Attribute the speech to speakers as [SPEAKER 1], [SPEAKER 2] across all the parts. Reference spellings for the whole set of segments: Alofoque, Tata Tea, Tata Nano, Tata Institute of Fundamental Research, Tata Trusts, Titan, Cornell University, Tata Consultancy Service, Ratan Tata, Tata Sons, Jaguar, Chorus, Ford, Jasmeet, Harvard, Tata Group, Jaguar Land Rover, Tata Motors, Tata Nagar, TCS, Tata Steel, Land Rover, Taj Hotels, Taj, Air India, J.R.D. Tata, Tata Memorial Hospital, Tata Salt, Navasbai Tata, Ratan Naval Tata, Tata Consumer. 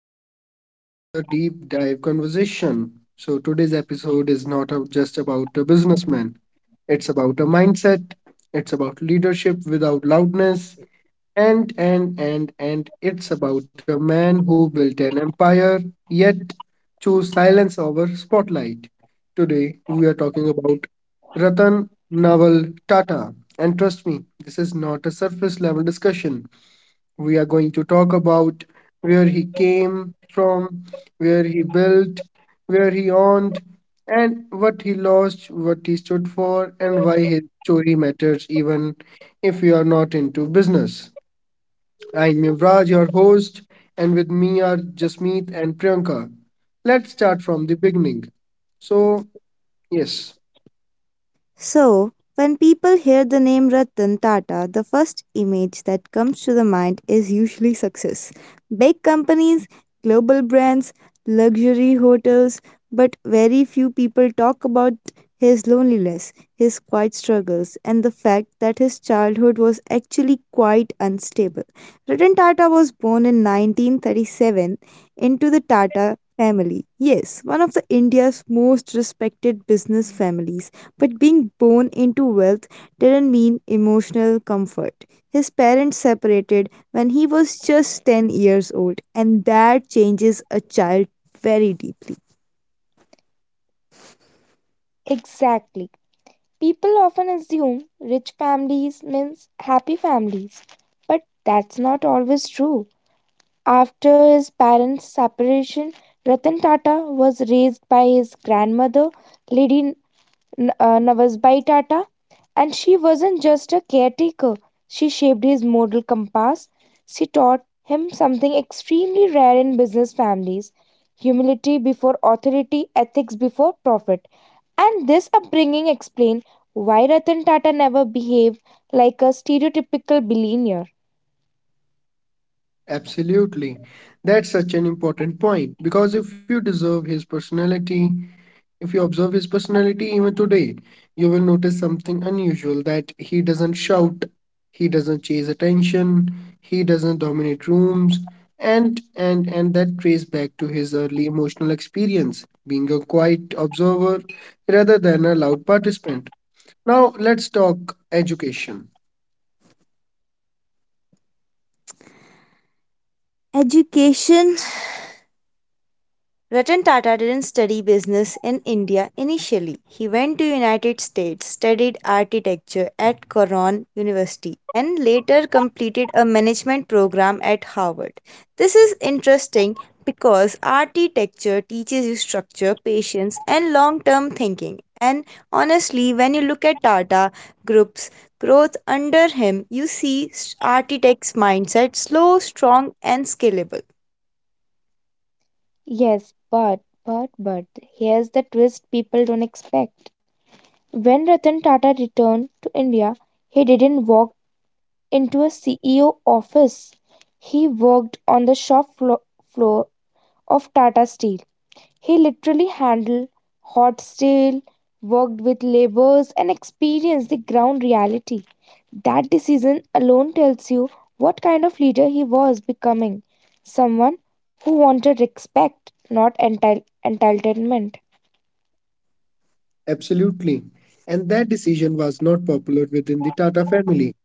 [SPEAKER 1] everyone to the another deep dive conversation. So today's episode is not just about a businessman. It's about a mindset. It's about leadership without loudness. And it's about a man who built an empire yet chose silence over spotlight. Today we are talking about Ratan Naval Tata. And trust me, this is not a surface level discussion. We are going to talk about where he came from, where he built, where he owned, and what he lost, what he stood for, and why his story matters even if you are not into business. I'm Yuvraj, your host, and with me are Jasmeet and Priyanka. Let's start from the beginning. So, yes,
[SPEAKER 2] So, when people hear the name Ratan Tata, the first image that comes to the mind is usually success. Big companies, global brands, luxury hotels, but very few people talk about his loneliness, his quiet struggles, and the fact that his childhood was actually quite unstable. Ratan Tata was born in 1937 into the Tata family. Yes, one of the India's most respected business families but being born into wealth didn't mean emotional comfort. His parents separated when he was just 10 years old, and that changes a child very deeply.
[SPEAKER 3] Exactly. People often assume rich families means happy families, but that's not always true. After his parents' separation, Ratan Tata was raised by his grandmother, Lady Navasbai Tata, and she wasn't just a caretaker. She shaped his moral compass. She taught him something extremely rare in business families: humility before authority, ethics before profit. And this upbringing explains why Ratan Tata never behaved like a stereotypical billionaire.
[SPEAKER 1] absolutely. That's such an important point, because if you deserve his personality, If you observe his personality even today, you will notice something unusual, that he doesn't shout, he doesn't chase attention, he doesn't dominate rooms, and that trace back to his early emotional experience, being a quiet observer rather than a loud participant. Now let's talk education.
[SPEAKER 2] Education Ratan Tata didn't study business in India initially. He went to United States, studied architecture at Cornell University, and later completed a management program at Harvard. This is interesting because architecture teaches you structure, patience, and long-term thinking. And honestly, when you look at Tata Group's growth under him, you see architects' mindset: slow, strong, and scalable.
[SPEAKER 3] Yes, but here's the twist people don't expect. When Ratan Tata returned to India, he didn't walk into a CEO office. He worked on the shop floor of Tata Steel. He literally handled hot steel, worked with laborers, and experienced the ground reality. That decision alone tells you what kind of leader he was becoming: someone who wanted respect, not entitlement.
[SPEAKER 1] Absolutely. And that decision was not popular within the Tata family.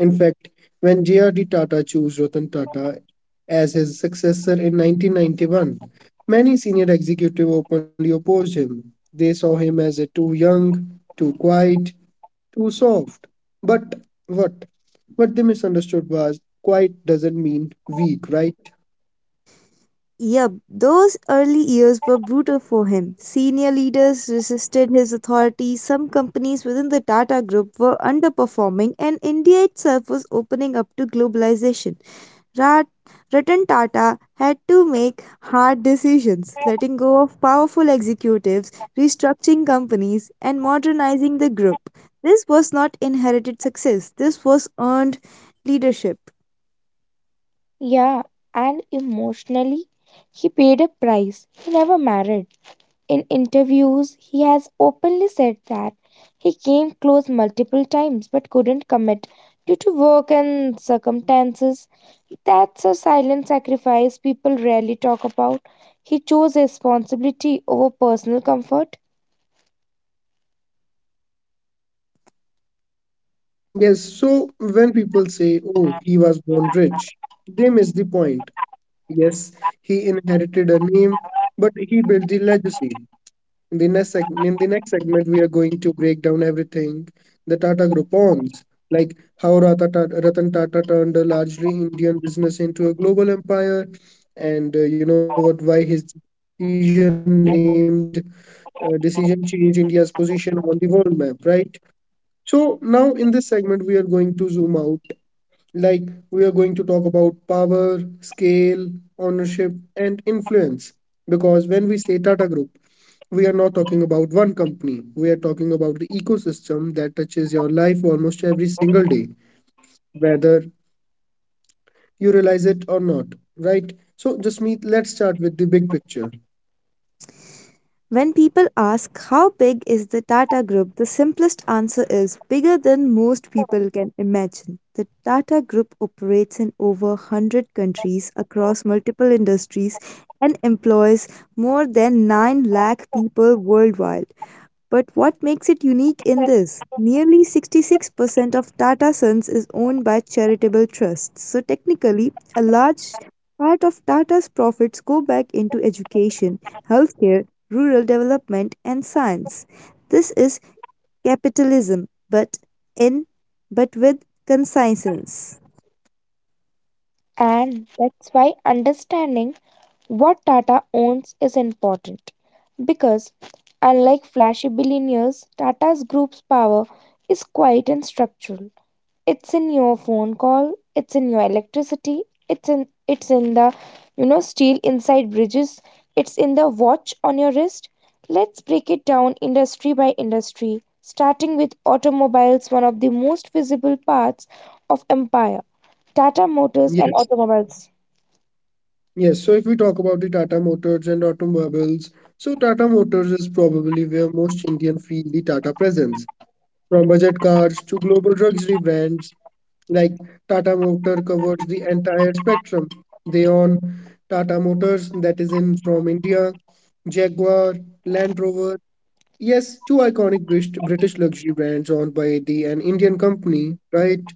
[SPEAKER 1] In fact, when J.R.D. Tata chose Ratan Tata as his successor in 1991, many senior executives openly opposed him. They saw him as a too young, too quiet, too soft. But what? What they misunderstood was quiet doesn't mean weak, right?
[SPEAKER 2] Yep, those early years were brutal for him. Senior leaders resisted his authority, some companies within the Tata Group were underperforming, and India itself was opening up to globalization. Rat- Ratan Tata had to make hard decisions, letting go of powerful executives, restructuring companies, and modernizing the group. This was not inherited success, this was earned leadership.
[SPEAKER 3] Yeah, and emotionally, he paid a price. He never married. In interviews, he has openly said that he came close multiple times but couldn't commit due to work and circumstances. That's a silent sacrifice people rarely talk about. He chose responsibility over personal comfort,
[SPEAKER 1] Yes, so when people say, oh, he was born rich, they miss the point. Yes, he inherited a name, but he built the legacy. In the next segment, we are going to break down everything the Tata Group owns, like how Ratan Tata turned a largely Indian business into a global empire, and you know what? Why his decision changed India's position on the world map, right? So now in this segment, we are going to zoom out, like, we are going to talk about power, scale, ownership, and influence. Because when we say Tata Group, we are not talking about one company. We are talking about the ecosystem that touches your life almost every single day, whether you realize it or not, right? So, Jasmeet, let's start with the big picture.
[SPEAKER 2] When people ask how big is the Tata Group, the simplest answer is bigger than most people can imagine. The Tata Group operates in over 100 countries across multiple industries and employs more than 9 lakh people worldwide. But what makes it unique in this? Nearly 66% of Tata Sons is owned by charitable trusts. So technically, a large part of Tata's profits go back into education, healthcare, rural development and science. This is capitalism, in but with conscience.
[SPEAKER 3] and that's why understanding what Tata owns is important. Because unlike flashy billionaires, Tata's group's power is quiet and structural. It's in your phone call, it's in your electricity, it's in the steel inside bridges, it's in the watch on your wrist. Let's break it down industry by industry, starting with automobiles, one of the most visible parts of empire. Tata Motors
[SPEAKER 1] Yes.
[SPEAKER 3] and automobiles.
[SPEAKER 1] Yes, so if we talk about the Tata Motors and automobiles, so Tata Motors is probably where most Indians feel the Tata presence. From budget cars to global luxury brands, like Tata Motor covers the entire spectrum. They own Tata Motors that is in from India, Jaguar, Land Rover. Yes, two iconic British luxury brands owned by the an Indian company, right?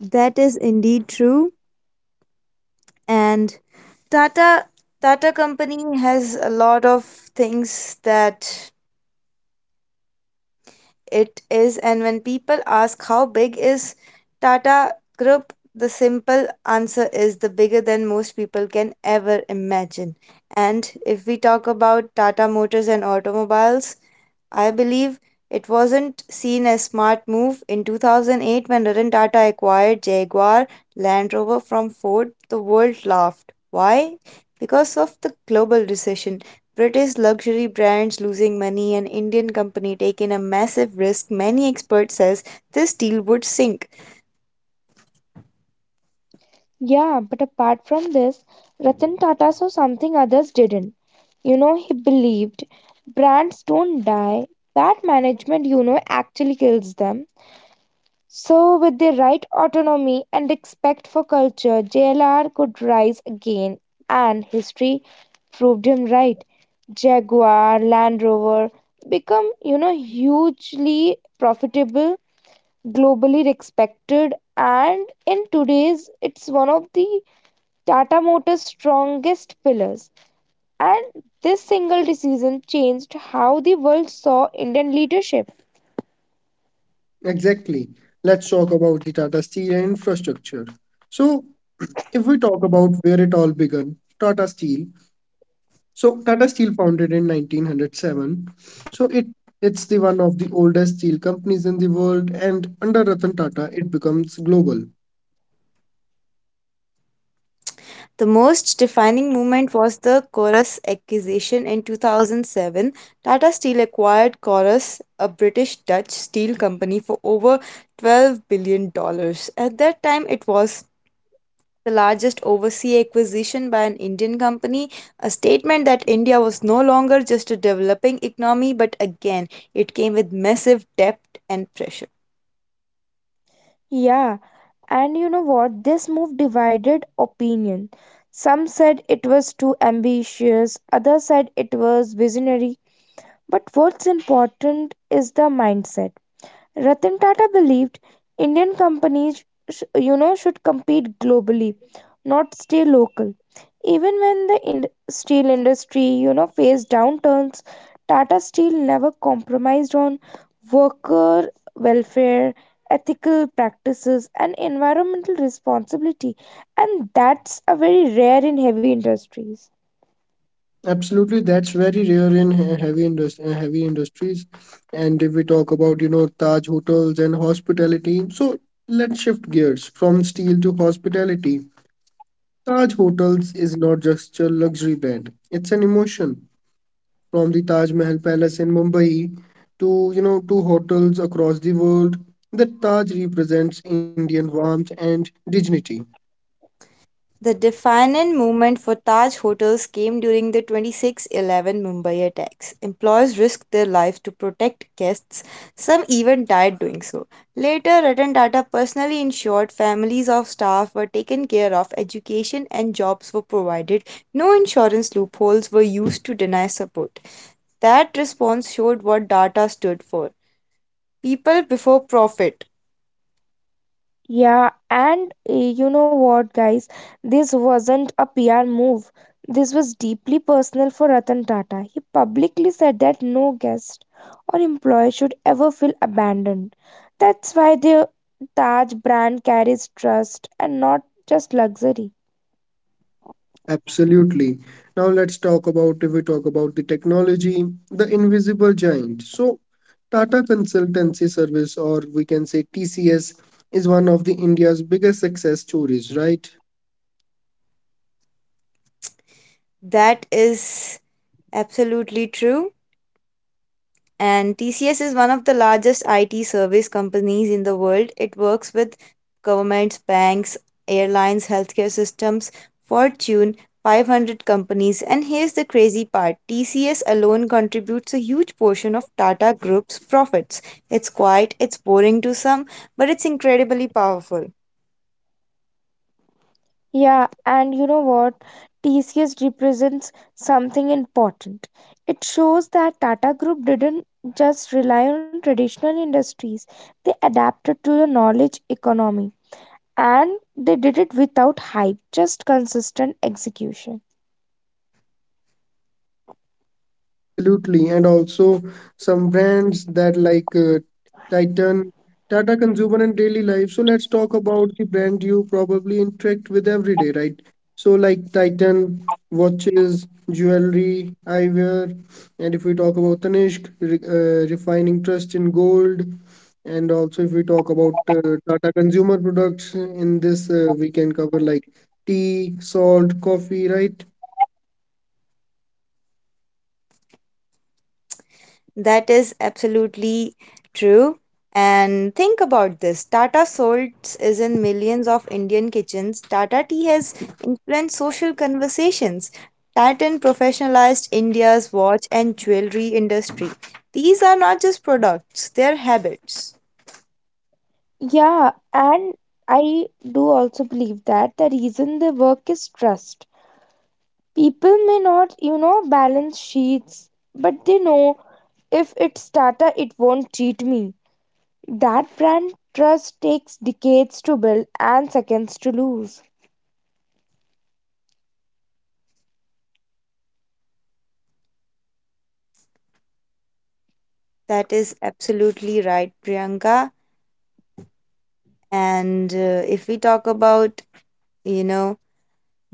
[SPEAKER 2] That is indeed true. And Tata Tata company has a lot of things that it is. And when people ask how big is Tata Group, the simple answer is the bigger than most people can ever imagine. And if we talk about Tata Motors and automobiles, I believe it wasn't seen as smart move in 2008 when Ratan Tata acquired Jaguar Land Rover from Ford. The world laughed. Why? Because of the global recession, British luxury brands losing money, and Indian company taking a massive risk. Many experts says this deal would sink.
[SPEAKER 3] Yeah, but apart from this, Ratan Tata saw something others didn't. You know, he believed brands don't die. Bad management, you know, actually kills them. So, with the right autonomy and respect for culture, JLR could rise again, and history proved him right. Jaguar, Land Rover become, you know, hugely profitable, globally respected, and in today's, it's one of the Tata Motors' strongest pillars. And this single decision changed how the world saw Indian leadership.
[SPEAKER 1] Exactly. Let's talk about the Tata Steel and infrastructure. So, if we talk about where it all began, Tata Steel. So Tata Steel founded in 1907. So it's the one of the oldest steel companies in the world, and under Ratan Tata, it becomes global.
[SPEAKER 2] The most defining moment was the Chorus acquisition in 2007. Tata Steel acquired Chorus, a British Dutch steel company, for over $12 billion dollars. At that time, it was the largest overseas acquisition by an Indian company, a statement that India was no longer just a developing economy, but again, it came with massive debt and pressure.
[SPEAKER 3] Yeah. And you know what? This move divided opinion. Some said it was too ambitious, others said it was visionary. But what's important is the mindset. Ratan Tata believed Indian companies you know should compete globally, not stay local. Even when the steel industry, you know, faced downturns, Tata Steel never compromised on worker welfare, ethical practices and environmental responsibility, and that's a very rare in heavy industries.
[SPEAKER 1] Absolutely, that's very rare in heavy heavy industries. And if we talk about Taj hotels and hospitality, so let's shift gears from steel to hospitality. Taj Hotels is not just a luxury brand; it's an emotion. From the Taj Mahal Palace in Mumbai to hotels across the world, the Taj represents Indian warmth and dignity.
[SPEAKER 2] The defiant movement for Taj Hotels came during the 2611 Mumbai attacks. Employees risked their life to protect guests. Some even died doing so. Later, Ratan Tata personally ensured families of staff were taken care of, education and jobs were provided. No insurance loopholes were used to deny support. That response showed what Tata stood for. People before profit.
[SPEAKER 3] Yeah, and you know what, guys? This wasn't a PR move. This was deeply personal for Ratan Tata. He publicly said that no guest or employee should ever feel abandoned. That's why the Taj brand carries trust and not just luxury.
[SPEAKER 1] Absolutely. Now let's talk about if we talk about the technology, the invisible giant. So Tata Consultancy Service, or we can say TCS, is one of the India's biggest success stories, right?
[SPEAKER 2] That is absolutely true. And TCS is one of the largest IT service companies in the world. It works with governments, banks, airlines, healthcare systems, Fortune 500 companies. And here's the crazy part: TCS alone contributes a huge portion of Tata Group's profits. It's quiet, it's boring to some, but it's incredibly powerful.
[SPEAKER 3] Yeah, and you know what? TCS represents something important. It shows that Tata Group didn't just rely on traditional industries, they adapted to the knowledge economy. And they did it without hype, just consistent execution.
[SPEAKER 1] Absolutely, and also some brands that like Titan, Tata Consumer, and Daily Life. So let's talk about the brand you probably interact with every day, right? So like Titan watches, jewelry, eyewear, and if we talk about Tanishq, refining trust in gold, and also if we talk about Tata Consumer products. In this, we can cover like tea, salt, coffee, right?
[SPEAKER 2] That is absolutely true. And think about this: Tata Salt is in millions of Indian kitchens. Tata Tea has influenced social conversations. Titan professionalized India's watch and jewelry industry. These are not just products, they are habits.
[SPEAKER 3] Yeah, and I do also believe that the reason they work is trust. People may not, you know, balance sheets, but they know if it's Tata, it won't cheat me. That brand trust takes decades to build and seconds to lose.
[SPEAKER 2] That is absolutely right, Priyanka. And if we talk about, you know,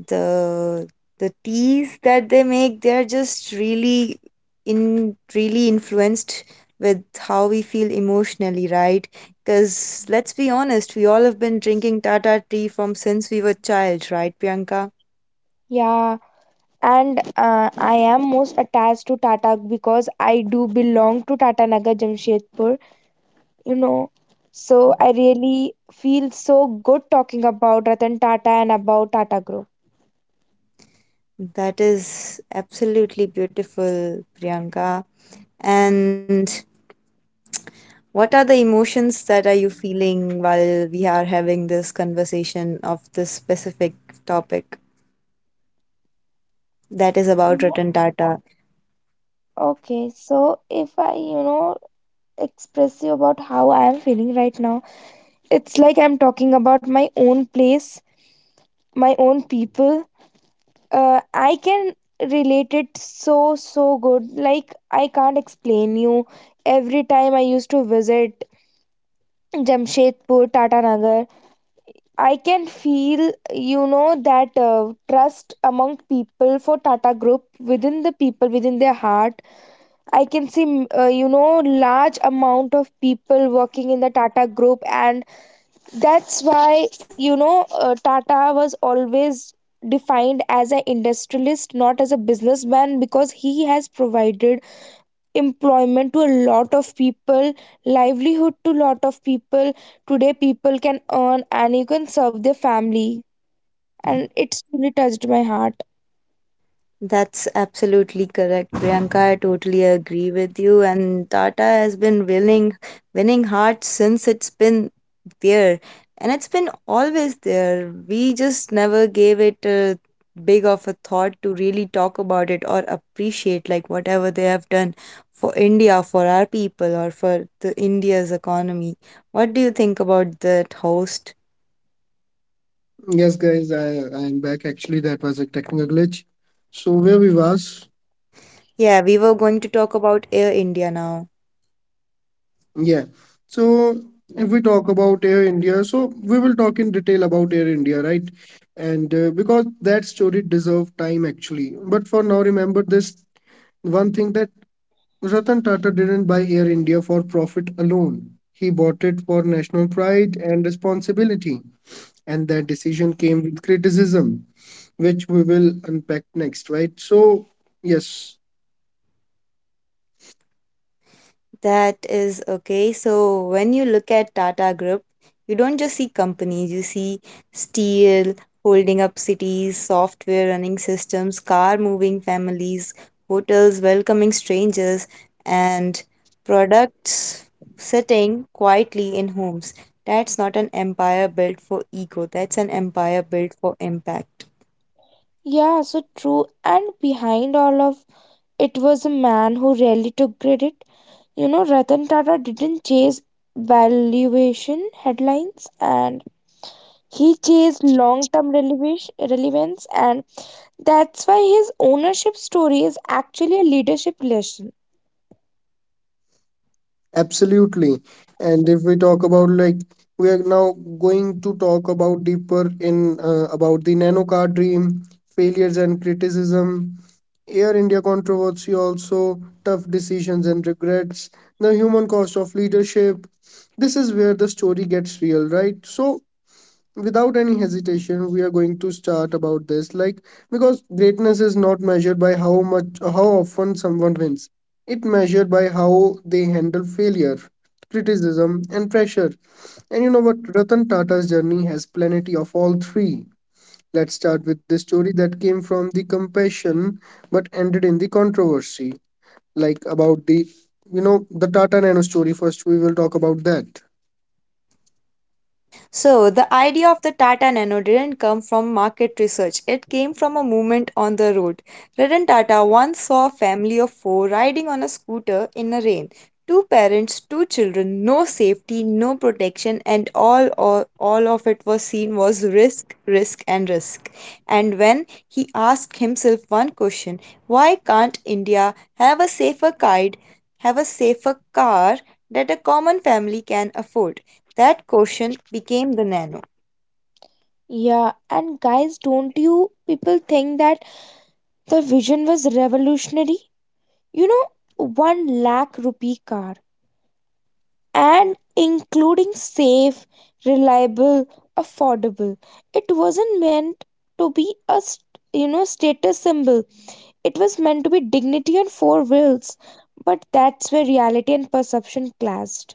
[SPEAKER 2] the the teas that they make, they are just really in really influenced with how we feel emotionally, right? Because let's be honest, we all have been drinking Tata tea from since we were child, right, Priyanka?
[SPEAKER 3] Yeah, and I am most attached to Tata because I do belong to Tata Nagar Jamshedpur, you know. So I really feel so good talking about Ratan Tata and about Tata Group.
[SPEAKER 2] That is absolutely beautiful, Priyanka. And what are the emotions that are you feeling while we are having this conversation of this specific topic that is about Ratan Tata?
[SPEAKER 3] Okay, so if I, you know, express you about how I am feeling right now, it's like I'm talking about my own place, my own people, I can relate it so so good. Like I can't explain you. Every time I used to visit Jamshedpur, Tata Nagar, I can feel, you know, that trust among people for Tata Group within the people within their heart. I can see you know, large amount of people working in the Tata Group, and that's why, you know, Tata was always defined as an industrialist, not as a businessman, because he has provided employment to a lot of people, livelihood to lot of people. Today, people can earn and you can serve their family. And it's really touched my heart.
[SPEAKER 2] That's absolutely correct, Priyanka. I totally agree with you. And Tata has been winning hearts since it's been there, and it's been always there. We just never gave it a big of a thought to really talk about it or appreciate like whatever they have done for India, for our people, or for the India's economy. What do you think about that, host?
[SPEAKER 1] Yes, guys, I am back. Actually, that was a technical glitch. So where we was?
[SPEAKER 2] Yeah, we were going to talk about Air India now.
[SPEAKER 1] Yeah. So if we talk about Air India, so we will talk in detail about Air India, right? And because that story deserves time, actually. But for now, remember this one thing, that Ratan Tata didn't buy Air India for profit alone. He bought it for national pride and responsibility. And that decision came with criticism, which we will unpack next, right? So, yes.
[SPEAKER 2] That is okay. So when you look at Tata Group, you don't just see companies, you see steel holding up cities, software running systems, car moving families, hotels welcoming strangers, and products sitting quietly in homes. That's not an empire built for ego, that's an empire built for impact.
[SPEAKER 3] Yeah, so true. And behind all of it was a man who rarely took credit. You know, Ratan Tata didn't chase valuation headlines, and he chased long term relevance, and that's why his ownership story is actually a leadership lesson.
[SPEAKER 1] Absolutely. And if we talk about, like, we are now going to talk about deeper in, about the Nano car dream, failures and criticism, Air India controversy also, tough decisions and regrets, the human cost of leadership. This is where the story gets real, right? So without any hesitation we are going to start about this, like, because greatness is not measured by how often someone wins, it measured by how they handle failure, criticism and pressure. And you know what? Ratan Tata's journey has plenty of all three. Let's start with the story that came from the compassion but ended in the controversy, like about the you know the Tata Nano story. First we will talk about that.
[SPEAKER 2] So, the idea of the Tata Nano didn't come from market research, it came from a movement on the road. Ratan Tata once saw a family of four riding on a scooter in a rain. Two parents, two children, no safety, no protection, and all of it was seen was risk, risk, and risk. And when he asked himself one question: why can't India have a safer guide, have a safer car that a common family can afford? That caution became the nano.
[SPEAKER 3] Yeah, and guys, don't you people think that the vision was revolutionary? You know, one lakh rupee car and including safe, reliable, affordable. It wasn't meant to be a you know status symbol. It was meant to be dignity on four wheels. But that's where reality and perception clashed.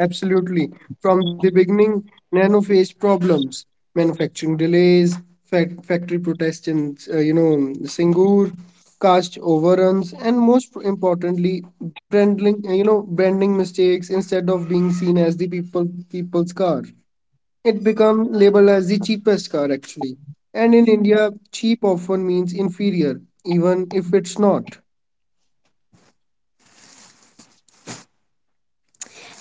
[SPEAKER 1] Absolutely. From the beginning, Nano faced problems, manufacturing delays, factory protests in, Singur, cost overruns, and most importantly, branding, branding mistakes. Instead of being seen as the people's car, it become labeled as the cheapest car, actually. And in India, cheap often means inferior, even if it's not.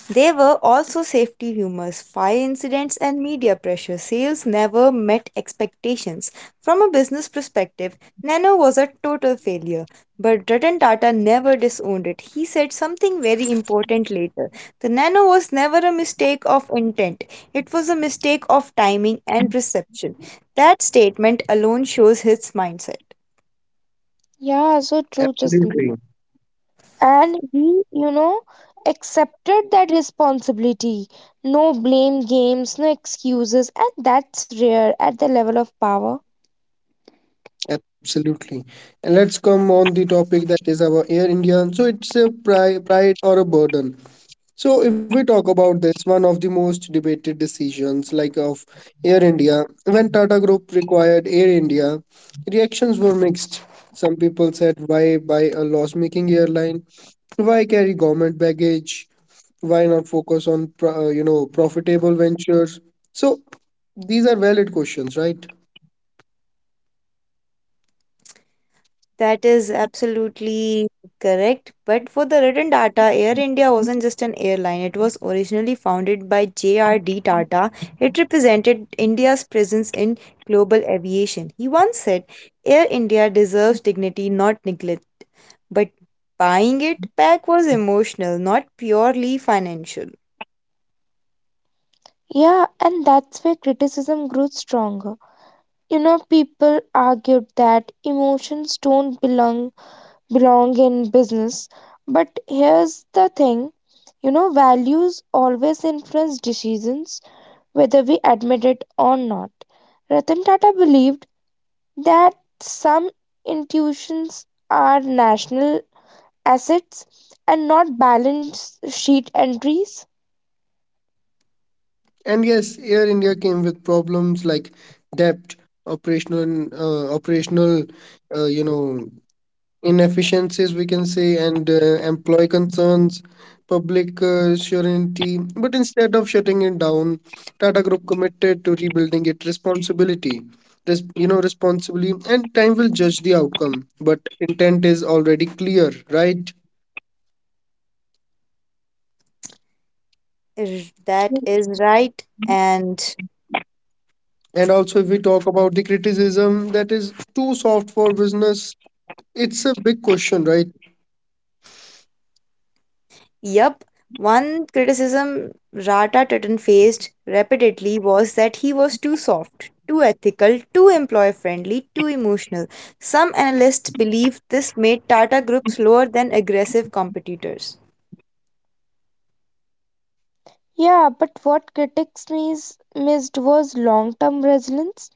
[SPEAKER 2] There were also safety rumors, fire incidents, and media pressure. Sales never met expectations. From a business perspective, Nano was a total failure. But Ratan Tata never disowned it. He said something very important later. The Nano was never a mistake of intent, it was a mistake of timing and perception. That statement alone shows his mindset.
[SPEAKER 3] Yeah, so true. Just
[SPEAKER 1] Absolutely.
[SPEAKER 3] and we, you know, accepted that responsibility, no blame games, no excuses, and that's rare at the level of power.
[SPEAKER 1] Absolutely. And let's come on the topic that is our Air India. So it's a pride or a burden. So if we talk about this, one of the most debated decisions, like, of Air India, when Tata Group required Air India, reactions were mixed. Some people said, why buy a loss-making airline? Why carry government baggage? Why not focus on profitable ventures? So these are valid questions, right?
[SPEAKER 2] That is absolutely correct. But for the written data, Air India wasn't just an airline. It was originally founded by J.R.D. Tata. It represented India's presence in global aviation. He once said, Air India deserves dignity, not neglect. But buying it back was emotional, not purely financial.
[SPEAKER 3] Yeah, and that's where criticism grew stronger. You know, people argued that emotions don't belong in business, but here's the thing, you know, values always influence decisions, whether we admit it or not. Ratan Tata believed that some institutions are national assets and not balance sheet entries.
[SPEAKER 1] And yes, Air India came with problems like debt, operational, uh, you know, inefficiencies, we can say, and employee concerns, public surety. But instead of shutting it down, Tata Group committed to rebuilding it responsibility, res- you know, responsibly. And time will judge the outcome, but intent is already clear, right?
[SPEAKER 2] That
[SPEAKER 1] So,
[SPEAKER 2] is right. And
[SPEAKER 1] and also, if we talk about the criticism, that is too soft for business. It's a big question, right?
[SPEAKER 2] yep, one criticism Rata Titan faced repeatedly was that he was too soft, too ethical, too employer friendly, too emotional. Some analysts believe this made Tata Group slower than aggressive competitors.
[SPEAKER 3] Yeah, but what critics missed was long term resilience.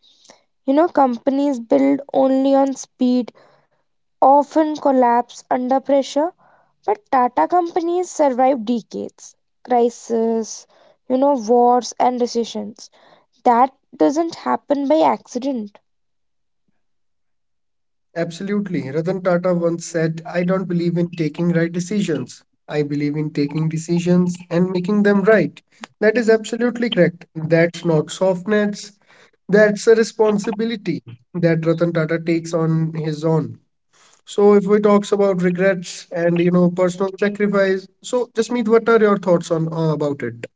[SPEAKER 3] You know, companies build only on speed often collapse under pressure, but Tata companies survive decades, crisis, you know, wars, and recessions. That doesn't happen by accident.
[SPEAKER 1] Absolutely. Ratan Tata once said, I don't believe in taking right decisions. I believe in taking decisions and making them right. That is absolutely correct. That's not softness. That's a responsibility that Ratan Tata takes on his own. So if we talks about regrets and personal sacrifice, so Jasmeet, what are your thoughts on, about it?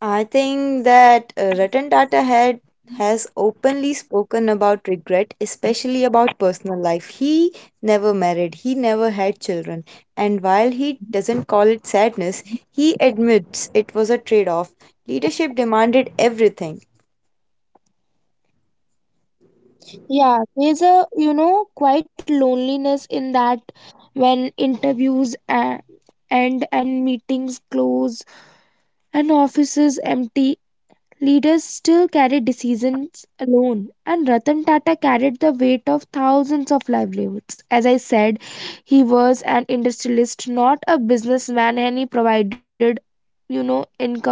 [SPEAKER 2] I think that Ratan Tata had has openly spoken about regret, especially about personal life. He never married, he never had children, and while he doesn't call it sadness, he admits it was a trade-off. Leadership demanded everything.
[SPEAKER 3] Yeah, there's a, you know, quite loneliness in that when interviews end and meetings close and offices empty. Leaders still carry decisions alone, and Ratan Tata carried the weight of thousands of livelihoods. As I said, he was an industrialist, not a businessman, and he provided, you know, income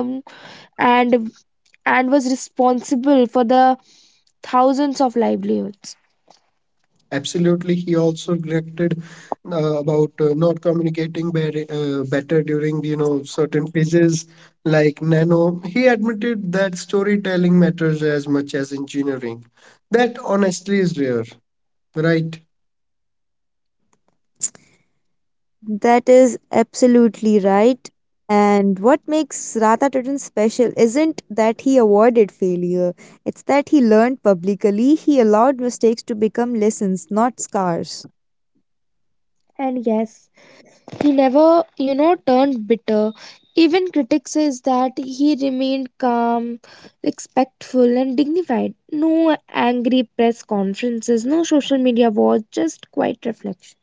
[SPEAKER 3] and and was responsible for the thousands of livelihoods.
[SPEAKER 1] Absolutely. He also regretted, about, not communicating better during, certain phases like Nano. He admitted that storytelling matters as much as engineering. That honestly is rare, right?
[SPEAKER 2] That is absolutely right. And what makes Radha Tatan special isn't that he avoided failure. It's that he learned publicly. He allowed mistakes to become lessons, not scars.
[SPEAKER 3] And yes, he never, you know, turned bitter. Even critics says that he remained calm, respectful, and dignified. No angry press conferences, no social media wars, just quiet reflection.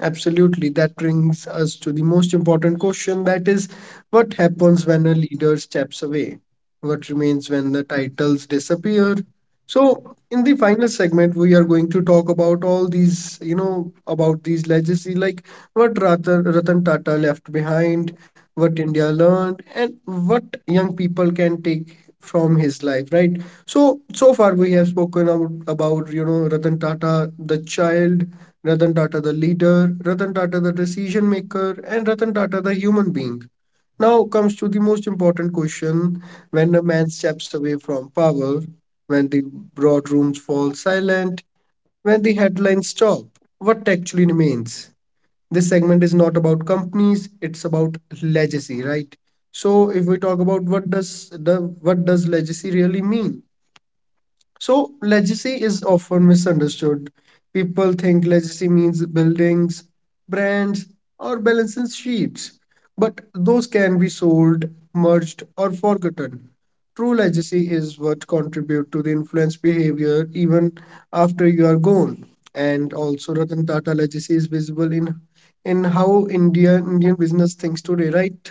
[SPEAKER 1] Absolutely. That brings us to the most important question, that is, what happens when a leader steps away? What remains when the titles disappear? So, in the final segment, we are going to talk about all these, about these legacy, like what Ratan Tata left behind, what India learned, and what young people can take from his life, right? So, so far we have spoken about Ratan Tata, the child, Ratan Tata the leader, Ratan Tata the decision maker, and Ratan Tata the human being. Now comes to the most important question, when a man steps away from power, when the broad rooms fall silent, when the headlines stop, what actually remains? This segment is not about companies, it's about legacy, right? So if we talk about what does legacy really mean? So, legacy is often misunderstood. People think legacy means buildings, brands, or balance sheets, but those can be sold, merged, or forgotten. True legacy is what contribute to the influence behavior even after you are gone. And also, Ratan Tata legacy is visible in how India Indian business thinks today, right?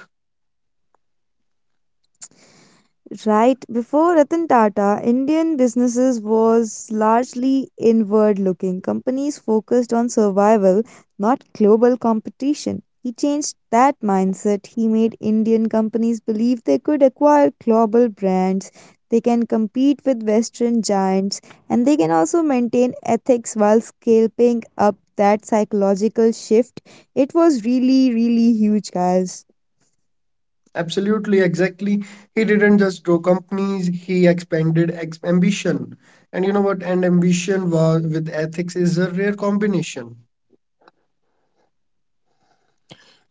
[SPEAKER 2] Right before Ratan Tata, Indian businesses was largely inward looking. Companies focused on survival, not global competition. He changed that mindset. He made Indian companies believe they could acquire global brands, they can compete with Western giants, and they can also maintain ethics while scaling up that psychological shift. It was really, really huge, guys.
[SPEAKER 1] Absolutely, exactly. He didn't just grow companies, he expanded ex ambition. And you know what? And ambition was with ethics is a rare combination.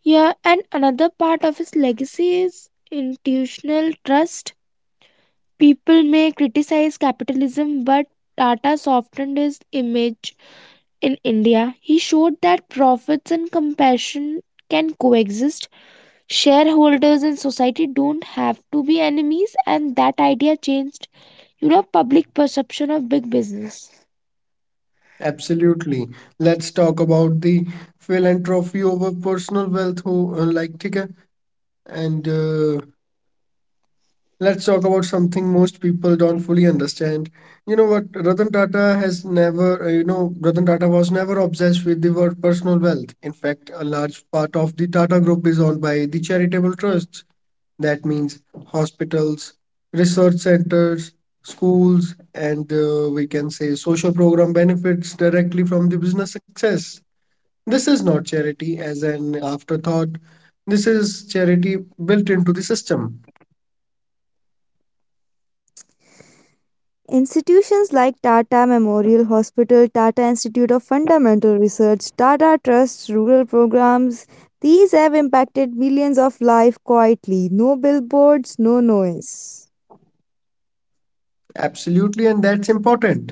[SPEAKER 3] Yeah, and another part of his legacy is institutional trust. People may criticize capitalism, but Tata softened his image in India. He showed that profits and compassion can coexist. Shareholders and society don't have to be enemies, and that idea changed, you know, public perception of big business.
[SPEAKER 1] Absolutely. Let's talk about the philanthropy over personal wealth, who, like Tika. And Let's talk about something most people don't fully understand. You know what? Ratan Tata has never, you know, Ratan Tata was never obsessed with the word personal wealth. In fact, a large part of the Tata Group is owned by the charitable trusts. That means hospitals, research centers, schools, and, we can say, social program benefits directly from the business success. This is not charity as an afterthought. This is charity built into the system.
[SPEAKER 2] Institutions like Tata Memorial Hospital, Tata Institute of Fundamental Research, Tata Trusts rural programs, these have impacted millions of lives quietly. No billboards, no noise.
[SPEAKER 1] Absolutely, and that's important,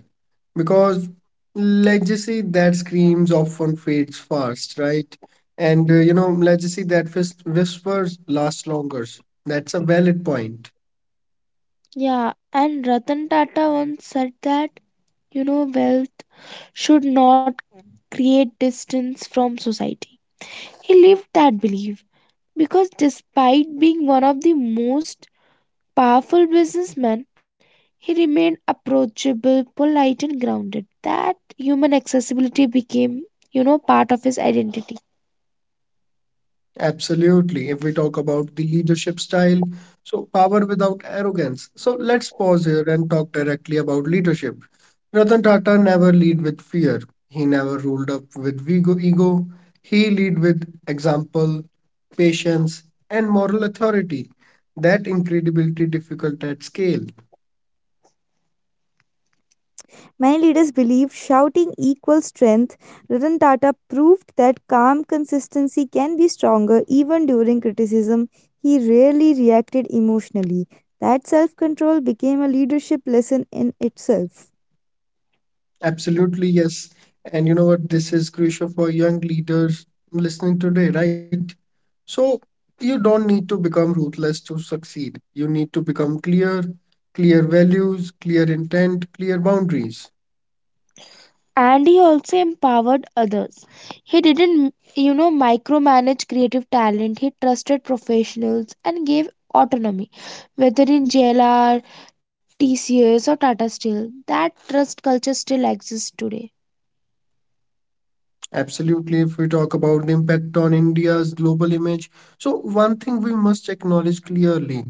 [SPEAKER 1] because legacy that screams often fades fast, right? And legacy that whispers lasts longer. That's a valid point.
[SPEAKER 3] Yeah, and Ratan Tata once said that, you know, wealth should not create distance from society. He lived that belief because despite being one of the most powerful businessmen, he remained approachable, polite and grounded. That human accessibility became, you know, part of his identity.
[SPEAKER 1] Absolutely. If we talk about the leadership style, so power without arrogance. So let's pause here and talk directly about leadership. Ratan Tata never lead with fear. He never ruled up with ego. He lead with example, patience, and moral authority. That incredibility difficult at scale.
[SPEAKER 2] Many leaders believed shouting equals strength. Ratan Tata proved that calm consistency can be stronger even during criticism. He rarely reacted emotionally. That self control became a leadership lesson in itself.
[SPEAKER 1] Absolutely, yes. And you know what? This is crucial for young leaders listening today, right? So you don't need to become ruthless to succeed. You need to become clear, clear values, clear intent, clear boundaries.
[SPEAKER 3] And he also empowered others. He didn't, you know, micromanage creative talent. He trusted professionals and gave autonomy, whether in JLR, TCS, or Tata Steel. That trust culture still exists today.
[SPEAKER 1] Absolutely, if we talk about the impact on India's global image. So, one thing we must acknowledge clearly,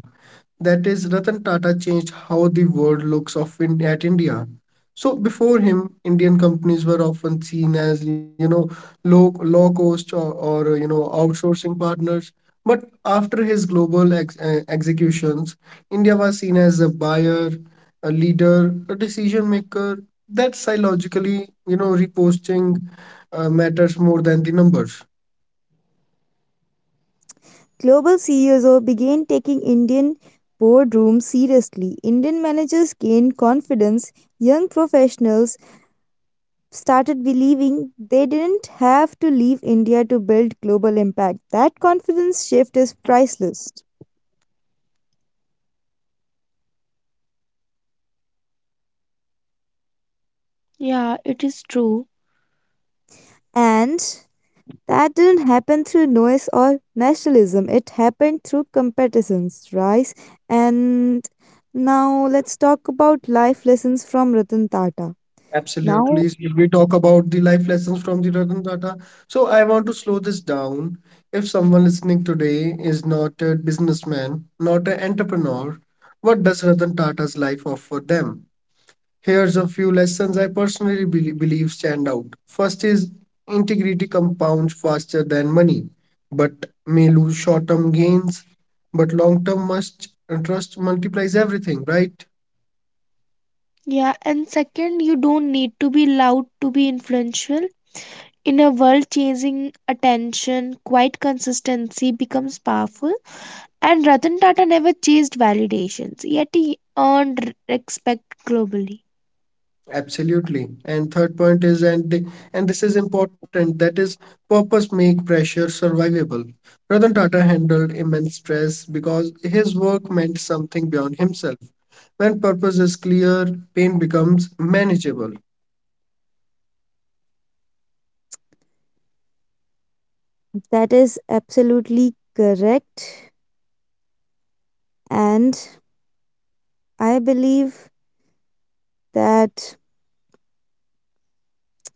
[SPEAKER 1] that is, Ratan Tata changed how the world looks at India. So before him, Indian companies were often seen as, low cost, or outsourcing partners. But after his global executions, India was seen as a buyer, a leader, a decision maker. That psychologically, reposting, matters more than the numbers.
[SPEAKER 2] Global CEOs began taking Indian boardrooms seriously. Indian managers gained confidence. Young professionals started believing they didn't have to leave India to build global impact. That confidence shift is priceless.
[SPEAKER 3] Yeah, it is true.
[SPEAKER 2] And that didn't happen through noise or nationalism. It happened through competitions, rise. And now let's talk about life lessons from Ratan Tata. Now,
[SPEAKER 1] Absolutely. If we talk about the life lessons from the Ratan Tata, so I want to slow this down. If someone listening today is not a businessman, not an entrepreneur, what does Ratan Tata's life offer them? Here's a few lessons I personally believe stand out. First is, integrity compounds faster than money. But may lose short-term gains, but long-term must trust multiplies everything, right?
[SPEAKER 3] Yeah, and second, you don't need to be loud to be influential. In a world chasing attention, quiet consistency becomes powerful. And Ratan Tata never chased validations, yet he earned respect globally.
[SPEAKER 1] Absolutely. And third point is, and this is important, that is, purpose make pressure survivable. Ratan Tata handled immense stress because his work meant something beyond himself. When purpose is clear, pain becomes manageable.
[SPEAKER 2] that is absolutely correct. And I believe that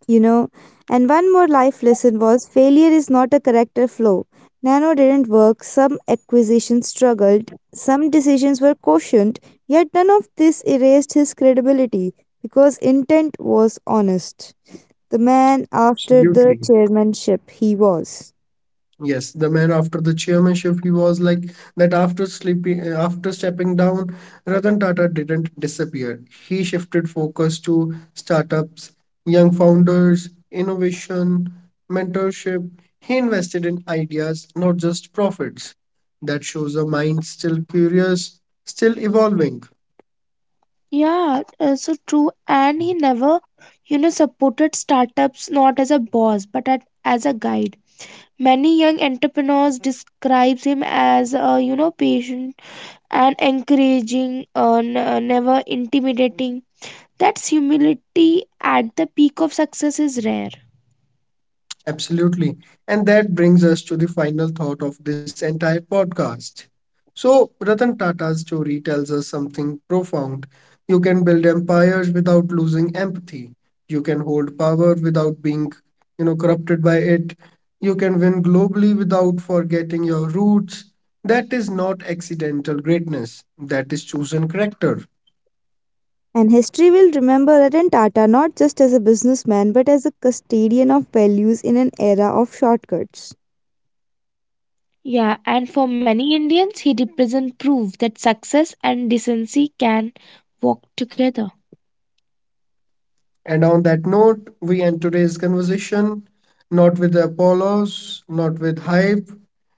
[SPEAKER 2] you know. And one more life lesson was failure is not a character flaw. Nano didn't work, some acquisitions struggled, some decisions were cautioned, yet none of this erased his credibility because intent was honest. The man after
[SPEAKER 1] Absolutely.
[SPEAKER 2] the chairmanship he was.
[SPEAKER 1] Yes, the man after the chairmanship, he was like that after stepping down, Ratan Tata didn't disappear. He shifted focus to startups, young founders, innovation, mentorship. He invested in ideas, not just profits. That shows a mind still curious, still evolving.
[SPEAKER 3] Yeah, so true. And he never, you know, supported startups not as a boss but at, as a guide. Many young entrepreneurs describes him as, you know, patient and encouraging, never intimidating. That's humility at the peak of success is rare.
[SPEAKER 1] Absolutely. And that brings us to the final thought of this entire podcast. So, Ratan Tata's story tells us something profound. You can build empires without losing empathy. You can hold power without being, corrupted by it. You can win globally without forgetting your roots. That is not accidental greatness. That is chosen character.
[SPEAKER 2] And history will remember Ratan Tata not just as a businessman but as a custodian of values in an era of shortcuts.
[SPEAKER 3] Yeah, and for many Indians, he represents proof that success and decency can walk together.
[SPEAKER 1] And on that note, we end today's conversation not with apollos, not with hype,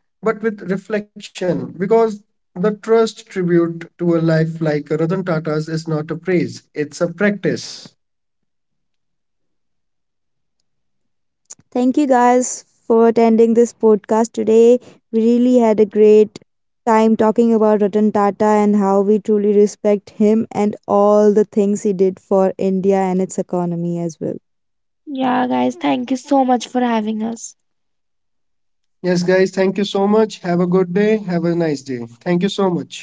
[SPEAKER 1] but with reflection, because the trust tribute to a life like Ratan Tata's is not a praise, it's a practice.
[SPEAKER 2] Thank you guys for attending this podcast today. We really had a great time talking about Ratan Tata and how we truly respect him and all the things he did for India and its economy as well.
[SPEAKER 3] Yeah, guys, thank you so much for having us.
[SPEAKER 1] Yes, guys, thank you so much. Have a good day. Have a nice day. Thank you so much.